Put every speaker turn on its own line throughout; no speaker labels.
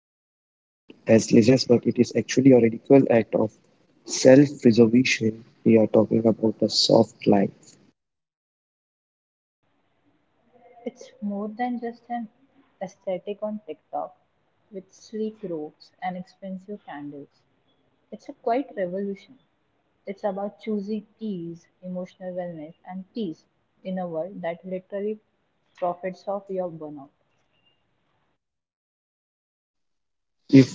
as laziness, but it is actually a radical act of self preservation. We are talking about a soft life.
It's more than just an aesthetic on TikTok with sleek robes and expensive candles. It's a quiet revolution. It's about choosing ease, emotional wellness, and peace in a world that literally profits off your burnout.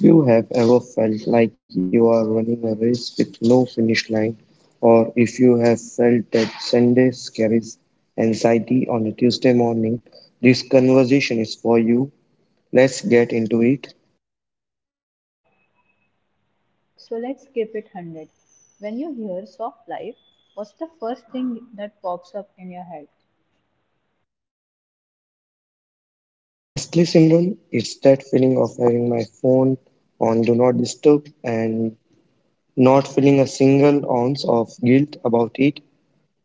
If you have ever felt like you are running a race with no finish line, or if you have felt that Sunday carries anxiety on a Tuesday morning, this conversation is for you. Let's get into it.
So let's keep it 100. When you hear soft life, what's the first thing that pops up in your head?
Honestly, Simran, it's that feeling of having my phone on Do Not Disturb and not feeling a single ounce of guilt about it.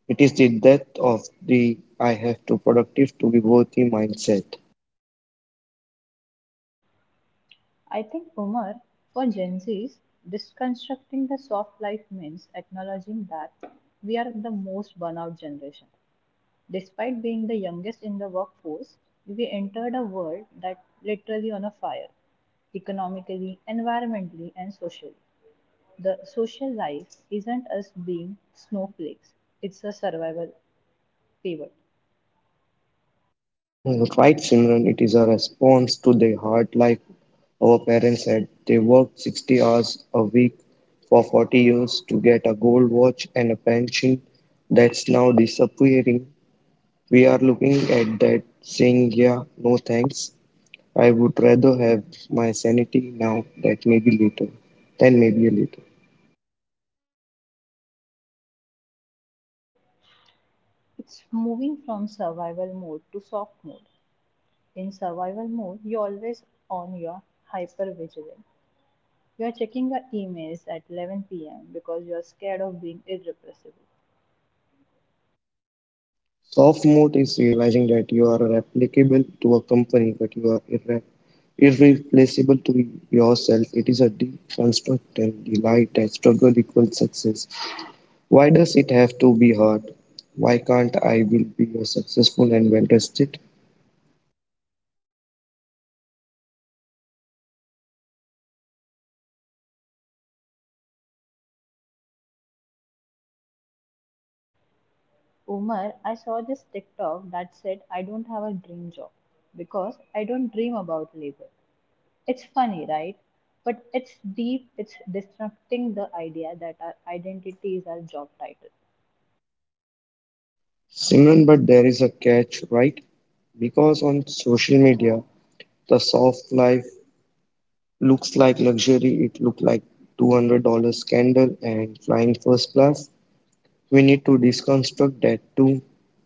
It is the death of the I have to productive to be worthy mindset.
I think Umar, for Gen Zs, deconstructing the soft life means acknowledging that we are the most burnout generation. Despite being the youngest in the workforce, we entered a world that literally on a fire, economically, environmentally, and socially. The social life isn't us being snowflakes, it's a survival pivot.
Mm, right, Simran, it is a response to the hard life our parents had. They worked 60 hours a week for 40 years to get a gold watch and a pension that's now disappearing. We are looking at that saying, yeah, no thanks. I would rather have my sanity now than maybe later.
It's moving from survival mode to soft mode. In survival mode, you're always on your hyper hypervigilance. You're checking your emails at 11 p.m. because you're scared of being irrepressible.
Soft mode is realizing that you are replicable to a company, but you are irreplaceable to yourself. It is a deep construct and delight that struggle equals success. Why does it have to be hard? Why can't I will be a successful and well rested?
Umar, I saw this TikTok that said, I don't have a dream job because I don't dream about labor. It's funny, right? But it's deep, it's disrupting the idea that our identity is our job title.
Simran, but there is a catch, right? Because on social media, the soft life looks like luxury. It looked like $200 scandal and flying first class. We need to deconstruct that too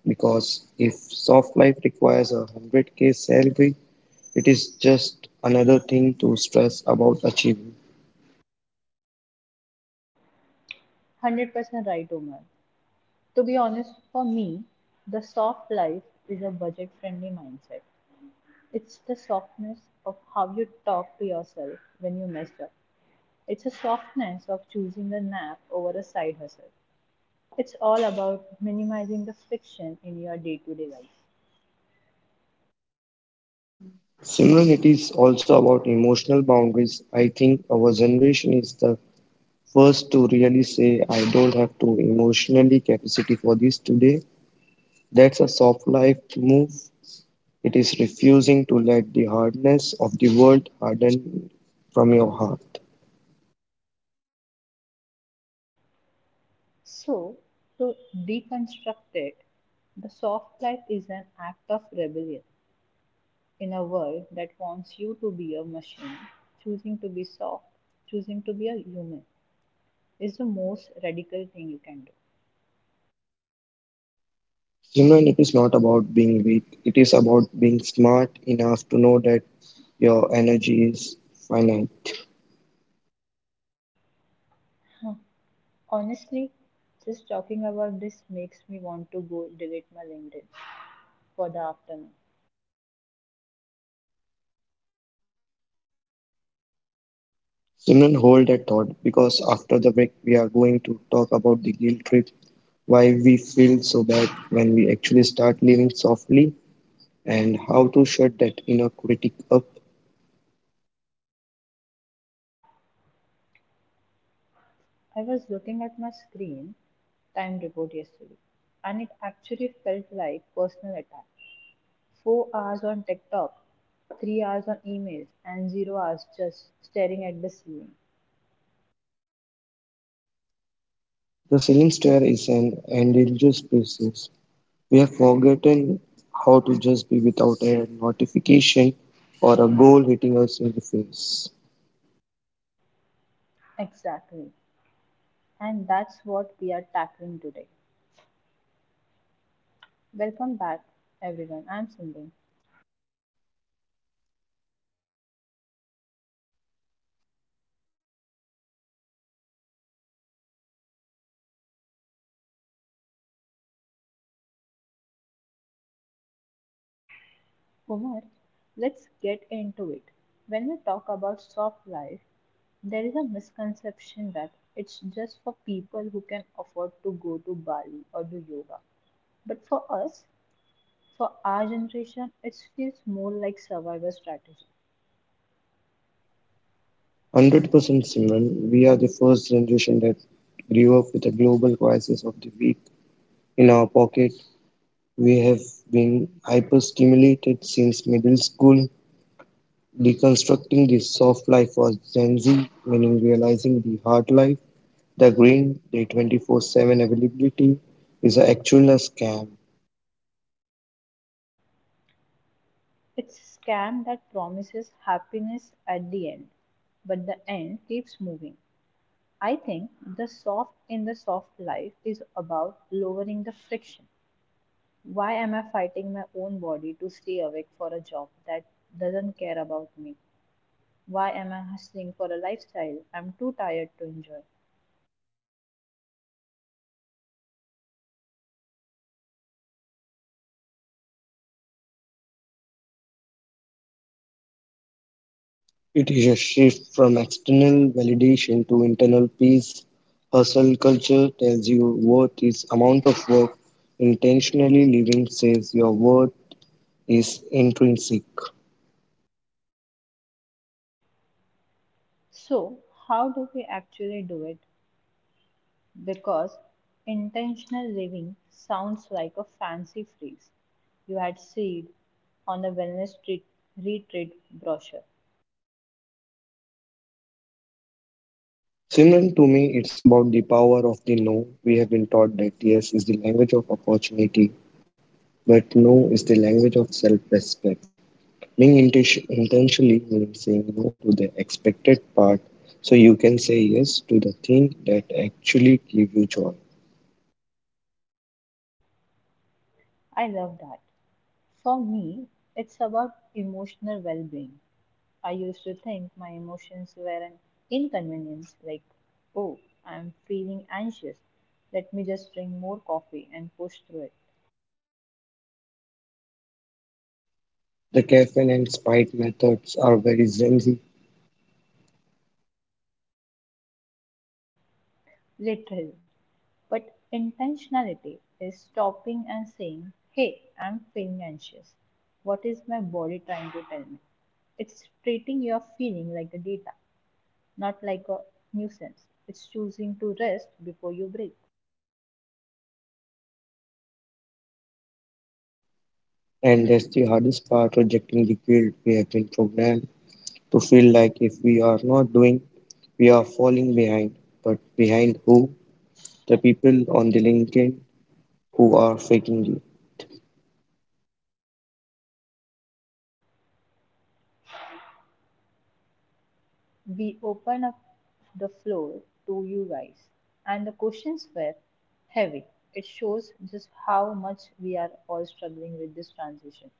because if soft life requires a 100k salary, it is just another thing to stress about achieving.
100% right, Umar. To be honest, for me, the soft life is a budget friendly mindset. It's the softness of how you talk to yourself when you mess up. It's a softness of choosing a nap over a side hustle. It's all about minimizing the friction in your day to day life.
Similarly, it is also about emotional boundaries. I think our generation is the first to really say, I don't have to emotionally capacity for this today. That's a soft life move. It is refusing to let the hardness of the world harden from your heart.
So, to deconstruct it, the soft life is an act of rebellion in a world that wants you to be a machine. Choosing to be soft, choosing to be a human is the most radical thing you can do.
Simran, it is not about being weak, it is about being smart enough to know that your energy is finite.
Huh. Honestly, just talking about this makes me want to go delete my LinkedIn for the afternoon.
Simran, hold that thought because after the break, we are going to talk about the guilt trip, why we feel so bad when we actually start living softly, and how to shut that inner critic up.
I was looking at my screen time report yesterday, and it actually felt like personal attack. 4 hours on TikTok, 3 hours on emails, and 0 hours just staring at the ceiling.
The ceiling stair is an endangered species. We have forgotten how to just be without a notification or a goal hitting us in the face.
Exactly. And that's what we are tackling today. Welcome back, everyone. I'm Sindhu. Omar, let's get into it. When we talk about soft life, there is a misconception that it's just for people who can afford to go to Bali or do yoga. But for us, for our generation, it feels more like survival strategy.
100%. Simran, we are the first generation that grew up with a global crisis of the week in our pocket. We have been hyper-stimulated since middle school, deconstructing the soft life for Gen Z, meaning realizing the hard life, the green, the 24-7 availability is actually a scam.
It's a scam that promises happiness at the end, but the end keeps moving. I think the soft in the soft life is about lowering the friction. Why am I fighting my own body to stay awake for a job that doesn't care about me? Why am I hustling for a lifestyle I'm too tired to enjoy?
It is a shift from external validation to internal peace. Hustle culture tells you worth is amount of work. Intentionally living says your worth is intrinsic.
So, how do we actually do it? Because intentional living sounds like a fancy phrase you had seen on a wellness retreat brochure.
Similar to me, it's about the power of the no. We have been taught that yes is the language of opportunity, but no is the language of self respect. Being intentionally means saying no to the expected part so you can say yes to the thing that actually gives you joy.
I love that. For me, it's about emotional well being. I used to think my emotions were an inconvenience, like, oh, I'm feeling anxious. Let me just drink more coffee and push through it.
The caffeine and spite methods are very Gen.
Literally. But intentionality is stopping and saying, hey, I'm feeling anxious. What is my body trying to tell me? It's treating your feeling like a data, not like a nuisance. It's choosing to rest before you break.
And that's the hardest part, rejecting the guilt. We have been programmed to feel like if we are not doing, we are falling behind. But behind who? The people on the LinkedIn who are faking you.
We open up the floor to you guys. And the questions were heavy. It shows just how much we are all struggling with this transition.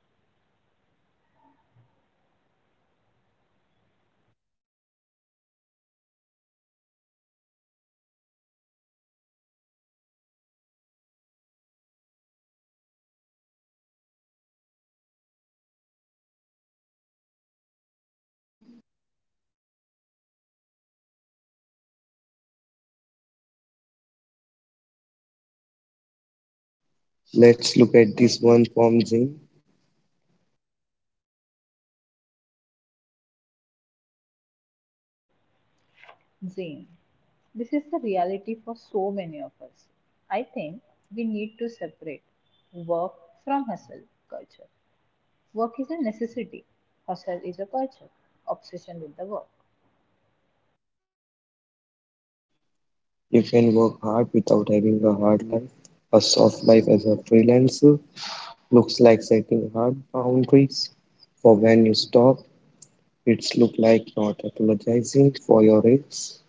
Let's look at this one from Zing.
Zane, this is the reality for so many of us. I think we need to separate work from hustle culture. Work is a necessity, hustle is a culture, obsession with the work.
You can work hard without having a hard life. A soft life as a freelancer looks like setting hard boundaries for when you stop. It's look like not apologizing for your ex.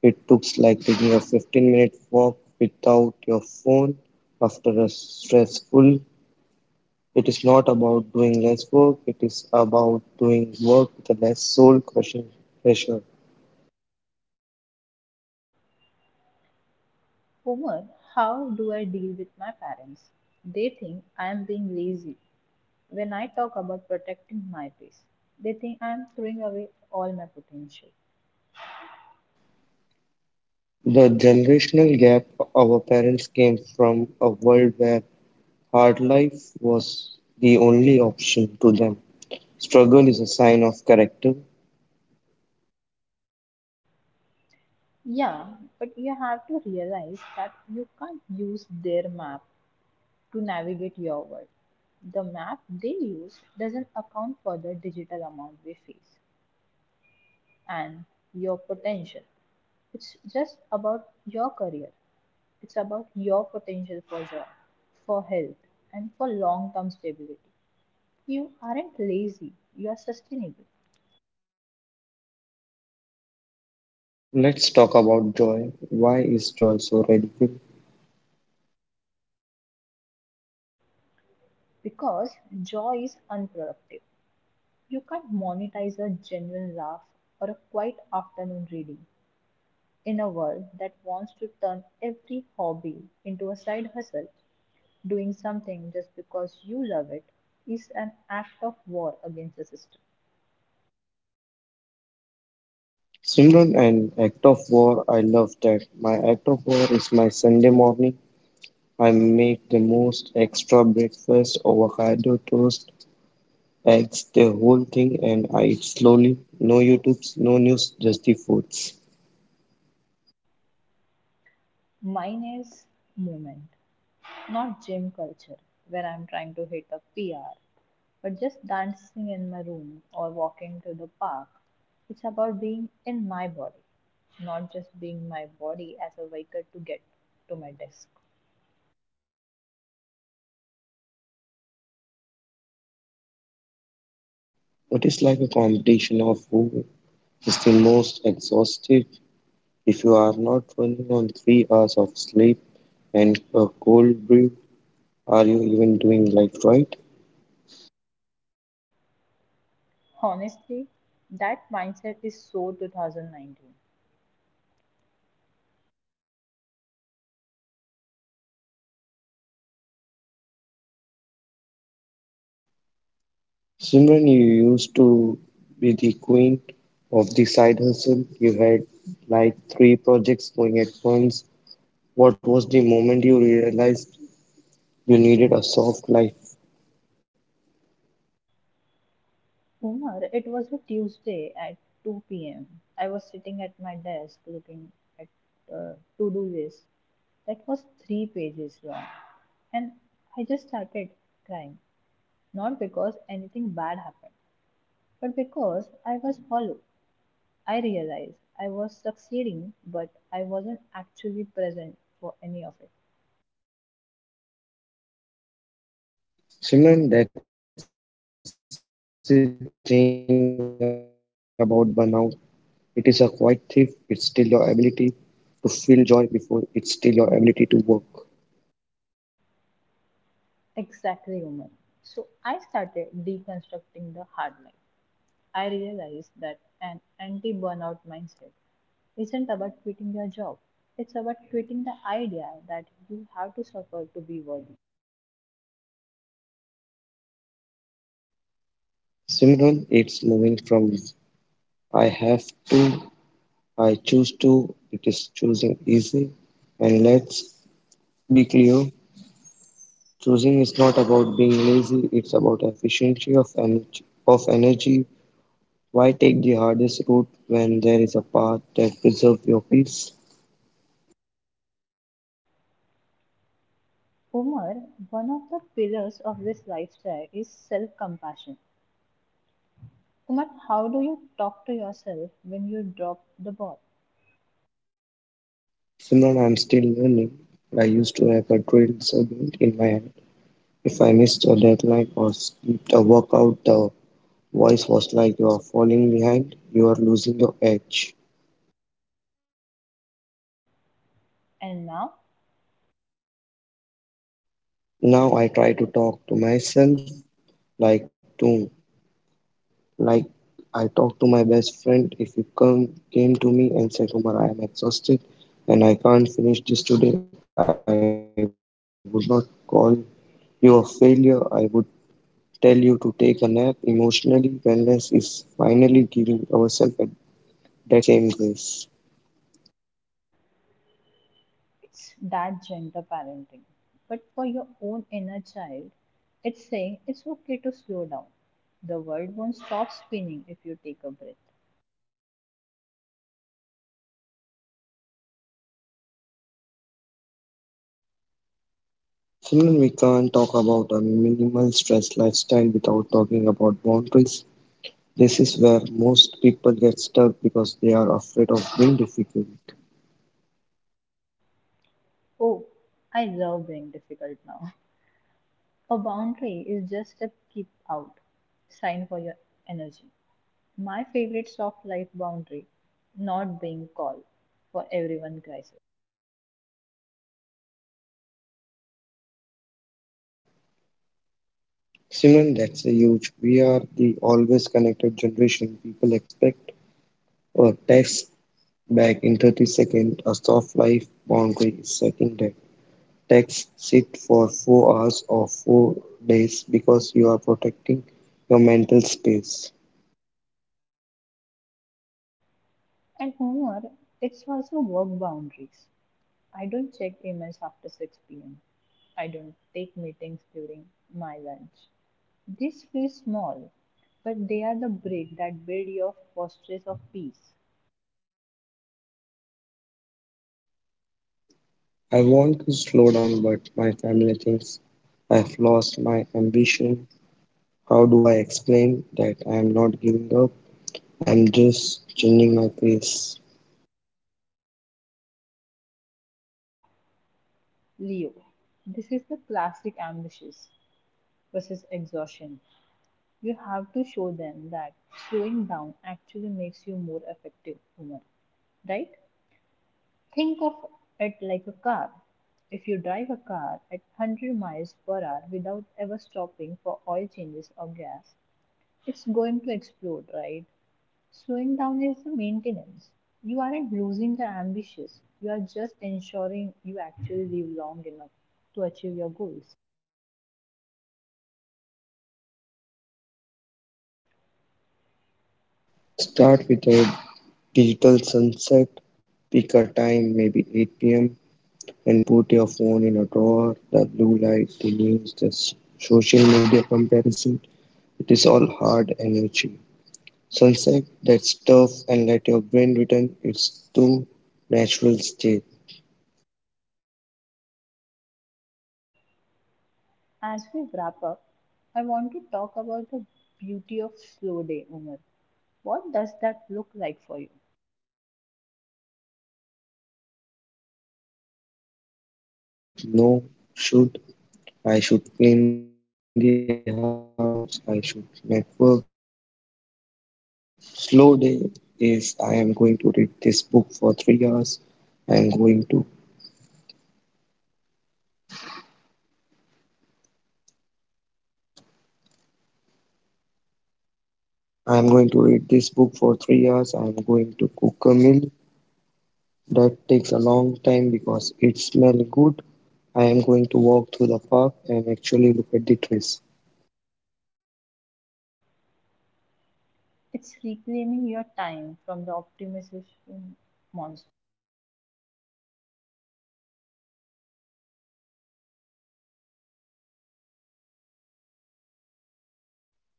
It looks like taking a 15-minute walk without your phone after a stressful. It is not about doing less work, it is about doing work with a less soul crushing pressure.
Homer, how do I deal with my parents? They think I am being lazy. When I talk about protecting my peace, they think I'm throwing away all my potential.
The generational gap, our parents came from a world where hard life was the only option to them. Struggle is a sign of character.
Yeah, but you have to realize that you can't use their map to navigate your world. The map they use doesn't account for the digital amount we face and your potential. It's just about your career, it's about your potential for job, for health, and for long term stability. You aren't lazy, you are sustainable.
Let's talk about joy. Why is joy so radical?
Because joy is unproductive. You can't monetize a genuine laugh or a quiet afternoon reading in a world that wants to turn every hobby into a side hustle. Doing something just because you love it is an act of war against the system.
Simran, an act of war, I love that. My act of war is my Sunday morning. I make the most extra breakfast, avocado toast, eggs, the whole thing, and I eat slowly. No YouTubes, no news, just the foods.
Mine is movement. Not gym culture, where I'm trying to hit a PR, but just dancing in my room or walking to the park. It's about being in my body, not just being my body as a vehicle to get to my desk.
It is like a competition of who is the most exhausted. If you are not running on 3 hours of sleep and a cold brew, are you even doing life right?
Honestly, that mindset is so 2019.
Simran, you used to be the queen of the side hustle. You had like three projects going at once. What was the moment you realized you needed a soft life?
Umar, it was a Tuesday at 2 p.m. I was sitting at my desk looking at a to do list that was 3 pages long, and I just started crying. Not because anything bad happened, but because I was hollow. I realized I was succeeding, but I wasn't actually present for any of it.
Simran, that's the thing about burnout. It is a quiet thief. It's still your ability to feel joy before it's still your ability to work.
Exactly, Umar. So I started deconstructing the hard life. I realized that an anti burnout mindset isn't about quitting your job, it's about quitting the idea that you have to suffer to be worthy.
Simran, it's moving from I have to, I choose to, it is choosing easy. And let's be clear, choosing is not about being lazy, it's about efficiency of energy. Why take the hardest route when there is a path that preserves your peace?
Umar, one of the pillars of this lifestyle is self compassion. Umar, how do you talk to yourself when you drop the ball?
Simran, I'm still learning. I used to have a drill segment in my head. If I missed a deadline or skipped a workout, the voice was like you are falling behind, you are losing your edge.
And now
Now I try to talk to myself, like, do Like I talked to my best friend, if you come came to me and said, Umar, I am exhausted and I can't finish this today, I would not call you a failure. I would tell you to take a nap. Emotionally, wellness is finally giving ourselves a- that same grace.
it's that gentle parenting. But for your own inner child, it's saying it's okay to slow down. The world won't stop spinning if you take a breath.
Simon, we can't talk about a minimal stress lifestyle without talking about boundaries. This is where most people get stuck because they are afraid of being difficult.
Oh, I love being difficult now. A boundary is just a keep out sign for your energy. My favorite soft life boundary, not being called for everyone crisis.
Simran, that's a huge. We are the always connected generation. People expect a text back in 30 seconds. A soft life boundary is setting that text sit for 4 hours or 4 days because you are protecting your mental space.
And humor, it's also work boundaries. I don't check emails after 6 pm. I don't take meetings during my lunch. These feel small, but they are the brick that build your fortress of peace.
I want to slow down, but my family thinks I've lost my ambition. How do I explain that I am not giving up? I am just changing my pace.
Leo, this is the classic ambitious versus exhaustion. You have to show them that slowing down actually makes you more effective human, right? Think of it like a car. If you drive a car at 100 miles per hour without ever stopping for oil changes or gas, it's going to explode, right? Slowing down is the maintenance. You aren't losing the ambitious. You are just ensuring you actually live long enough to achieve your goals.
Start with a digital sunset, pick a time, maybe 8 p.m., and put your phone in a drawer. The blue light, the news, the social media comparison, it is all hard energy. Sunset, that stuff, and let your brain return its to natural state.
As we wrap up, I want to talk about the beauty of slow day, Umar. What does that look like for you?
Simran, it is a day with no should. I should clean the house, I should network. A slow down, slow day is I am going to read this book for 3 hours. I am going to I am going to read this book for 3 hours. I am going to cook a meal that takes a long time because it smells good. I am going to walk through the park and actually look at the trees.
It's reclaiming your time from the optimization monster.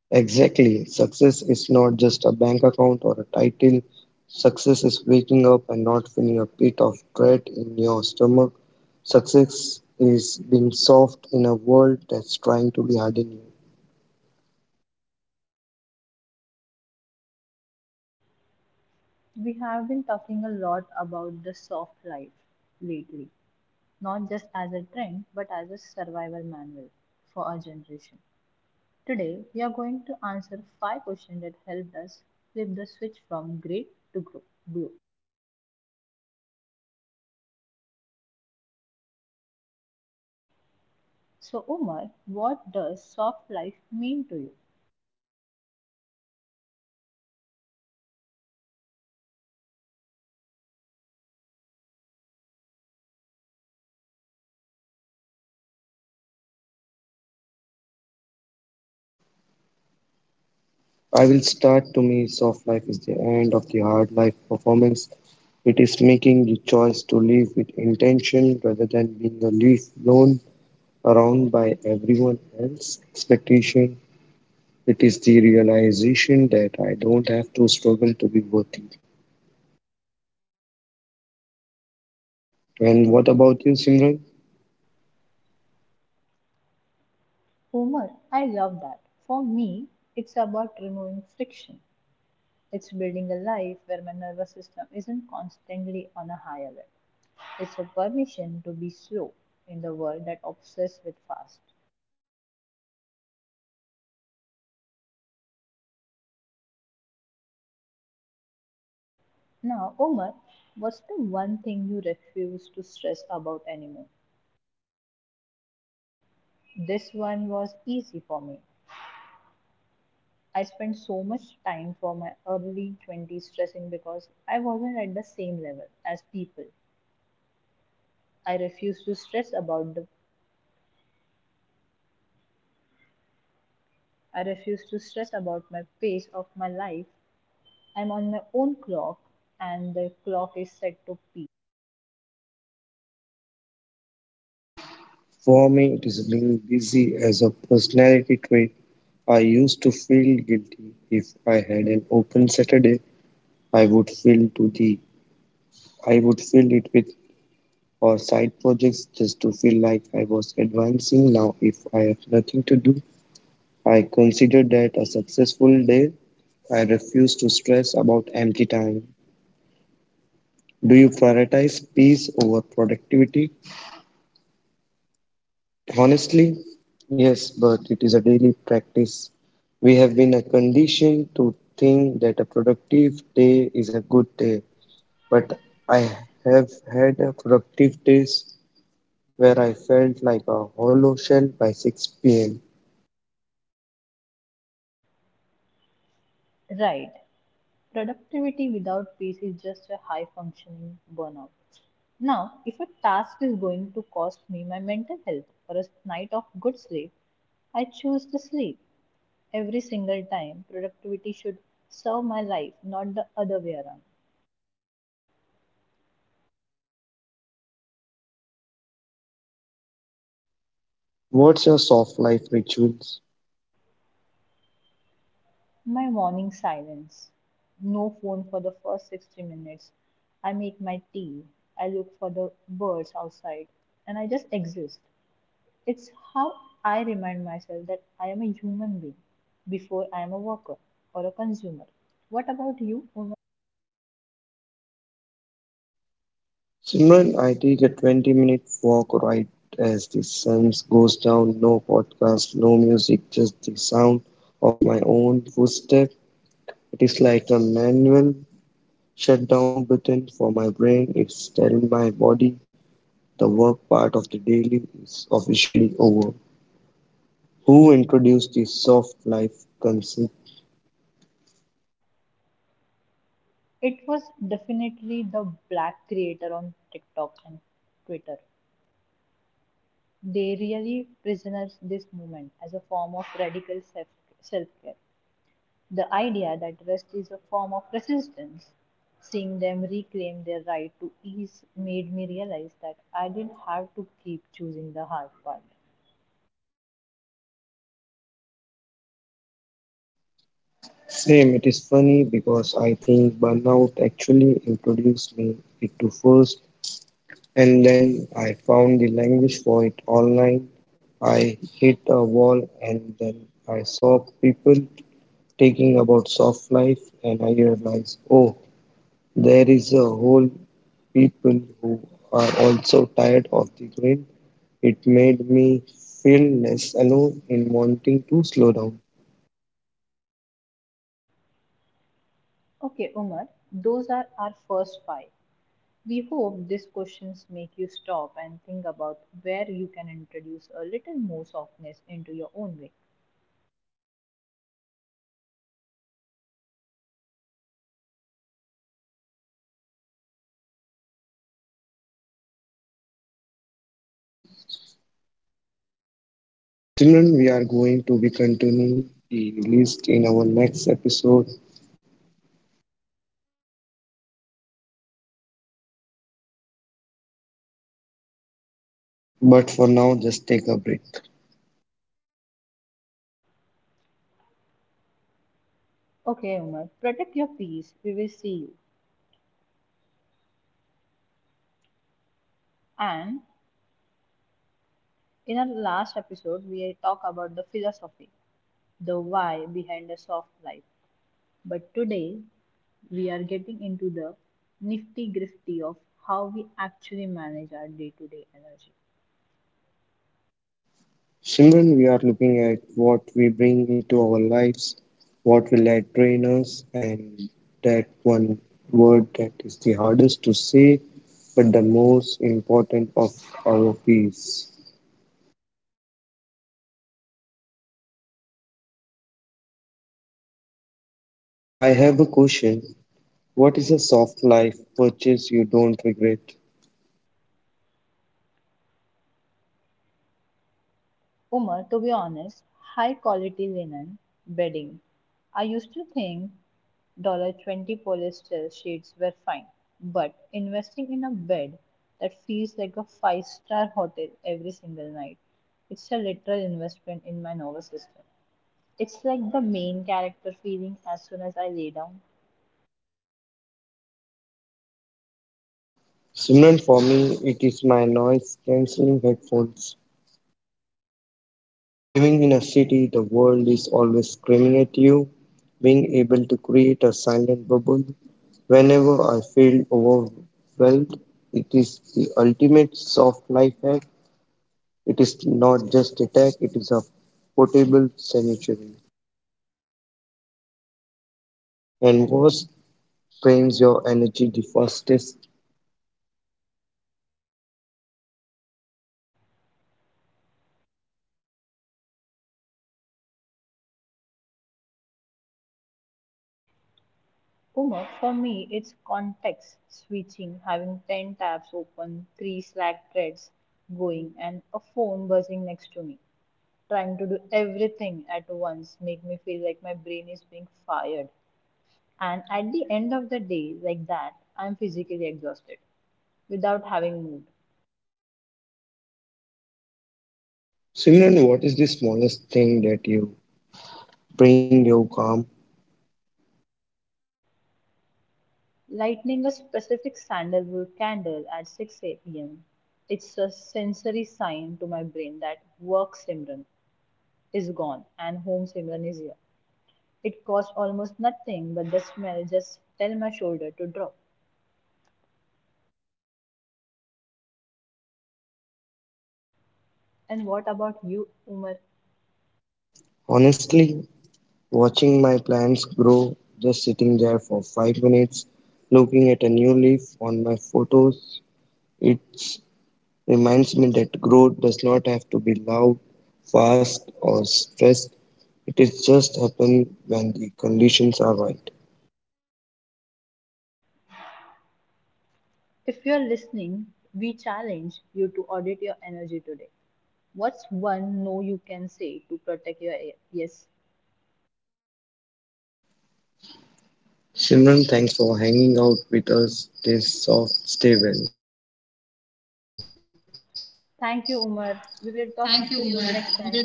Exactly. Success is not just a bank account or a title. Success is waking up and not feeling a pit of dread in your stomach. Success is being soft in a world that's trying to be hard on you.
We have been talking a lot about the soft life lately, not just as a trend, but as a survival manual for our generation. Today, we are going to answer 5 questions that helped us flip the switch from great to grow. Grow. So, Umar, what does soft life mean to you?
I will start. To me soft life is the end of the hard life performance. It is making the choice to live with intention rather than being a leaf blown around by everyone else's expectation. It is the realization that I don't have to struggle to be worthy. And what about you, Simran?
Umar, I love that. For me, it's about removing friction. It's building a life where my nervous system isn't constantly on a high alert. It's a permission to be slow in the world that obsesses with fast. Now, Umar, what's the one thing you refuse to stress about anymore? This one was easy for me. I spent so much time for my early 20s stressing because I wasn't at the same level as people. I refused to stress about the I refused to stress about my pace of my life. I'm on my own clock and the clock is set to peak.
For me, it is being busy as a personality trait. I used to feel guilty if I had an open Saturday. I would fill to the I would fill it with or side projects just to feel like I was advancing. Now, if I have nothing to do, I consider that a successful day. I refuse to stress about empty time. Do you prioritize peace over productivity? Honestly, yes, but it is a daily practice. We have been conditioned to think that a productive day is a good day, but I have had productive days where I felt like a hollow shell by 6 pm.
Right. Productivity without peace is just a high functioning burnout. Now, if a task is going to cost me my mental health or a night of good sleep, I choose to sleep. Every single time. Productivity should serve my life, not the other way around.
What's your soft life rituals?
My morning silence. No phone for the first 60 minutes. I make my tea. I look for the birds outside and I just exist. It's how I remind myself that I am a human being before I am a worker or a consumer. What about you? Uma?
Simran, I take a 20-minute walk right as the sun goes down. No podcast, no music, just the sound of my own footstep. It is like a manual shutdown button for my brain. It's telling my body the work part of the daily is officially over. Who introduced the soft life concept?
It was definitely the black creator on TikTok and Twitter. They really prisoners this movement as a form of radical self care. The idea that rest is a form of resistance, seeing them reclaim their right to ease, made me realize that I didn't have to keep choosing the hard part.
Same, it is funny because I think burnout actually introduced me it to first. And then I found the language for it online. I hit a wall and then I saw people talking about soft life and I realized, oh, there is a whole people who are also tired of the grid. It made me feel less alone in wanting to slow down.
Okay, Umar, those are our first five. We hope these questions make you stop and think about where you can introduce a little more softness into your own way.
Children, we are going to be continuing the list in our next episode, but for now, just take a break.
Okay, Umar, protect your peace. We will see you. And in our last episode, we talked about the philosophy, the why behind a soft life. But today, we are getting into the nifty grifty of how we actually manage our day to day energy.
Simran, we are looking at what we bring into our lives, what will I train us, and that one word that is the hardest to say but the most important of our piece. I have a question. What is a soft life purchase you don't regret?
Umar, to be honest, high quality linen bedding. I used to think $20 polyester sheets were fine, but investing in a bed that feels like a five-star hotel every single night, it's a literal investment in my nervous system. It's like the main character feeling as soon as I lay down.
Simran, for me, it is my noise cancelling headphones. Living in a city, the world is always screaming at you. Being able to create a silent bubble whenever I feel overwhelmed, it is the ultimate soft life hack. It is not just a hack, it is a portable sanctuary. And worst drains your energy the fastest.
Uma, for me, it's context switching, having 10 tabs open, 3 Slack threads going, and a phone buzzing next to me. Trying to do everything at once make me feel like my brain is being fired. And at the end of the day, like that, I'm physically exhausted without having moved.
Simran, what is the smallest thing that you bring you calm?
Lighting a specific sandalwood candle at 6 p.m. It's a sensory sign to my brain that work Simran is gone and home Simran is here. It costs almost nothing, but the smell just tell my shoulder to drop. And what about you, Umar?
Honestly, watching my plants grow, just sitting there for 5 minutes, looking at a new leaf on my photos, it reminds me that growth does not have to be loud, fast, or stressed. It is just happen when the conditions are right.
If you're listening, we challenge you to audit your energy today. What's one no you can say to protect your air? Yes.
Simran, thanks for hanging out with us. Stay soft, stay well. Thank you,
Thank you,
Umar.
Umar.
We
We
will
will talk to you next time.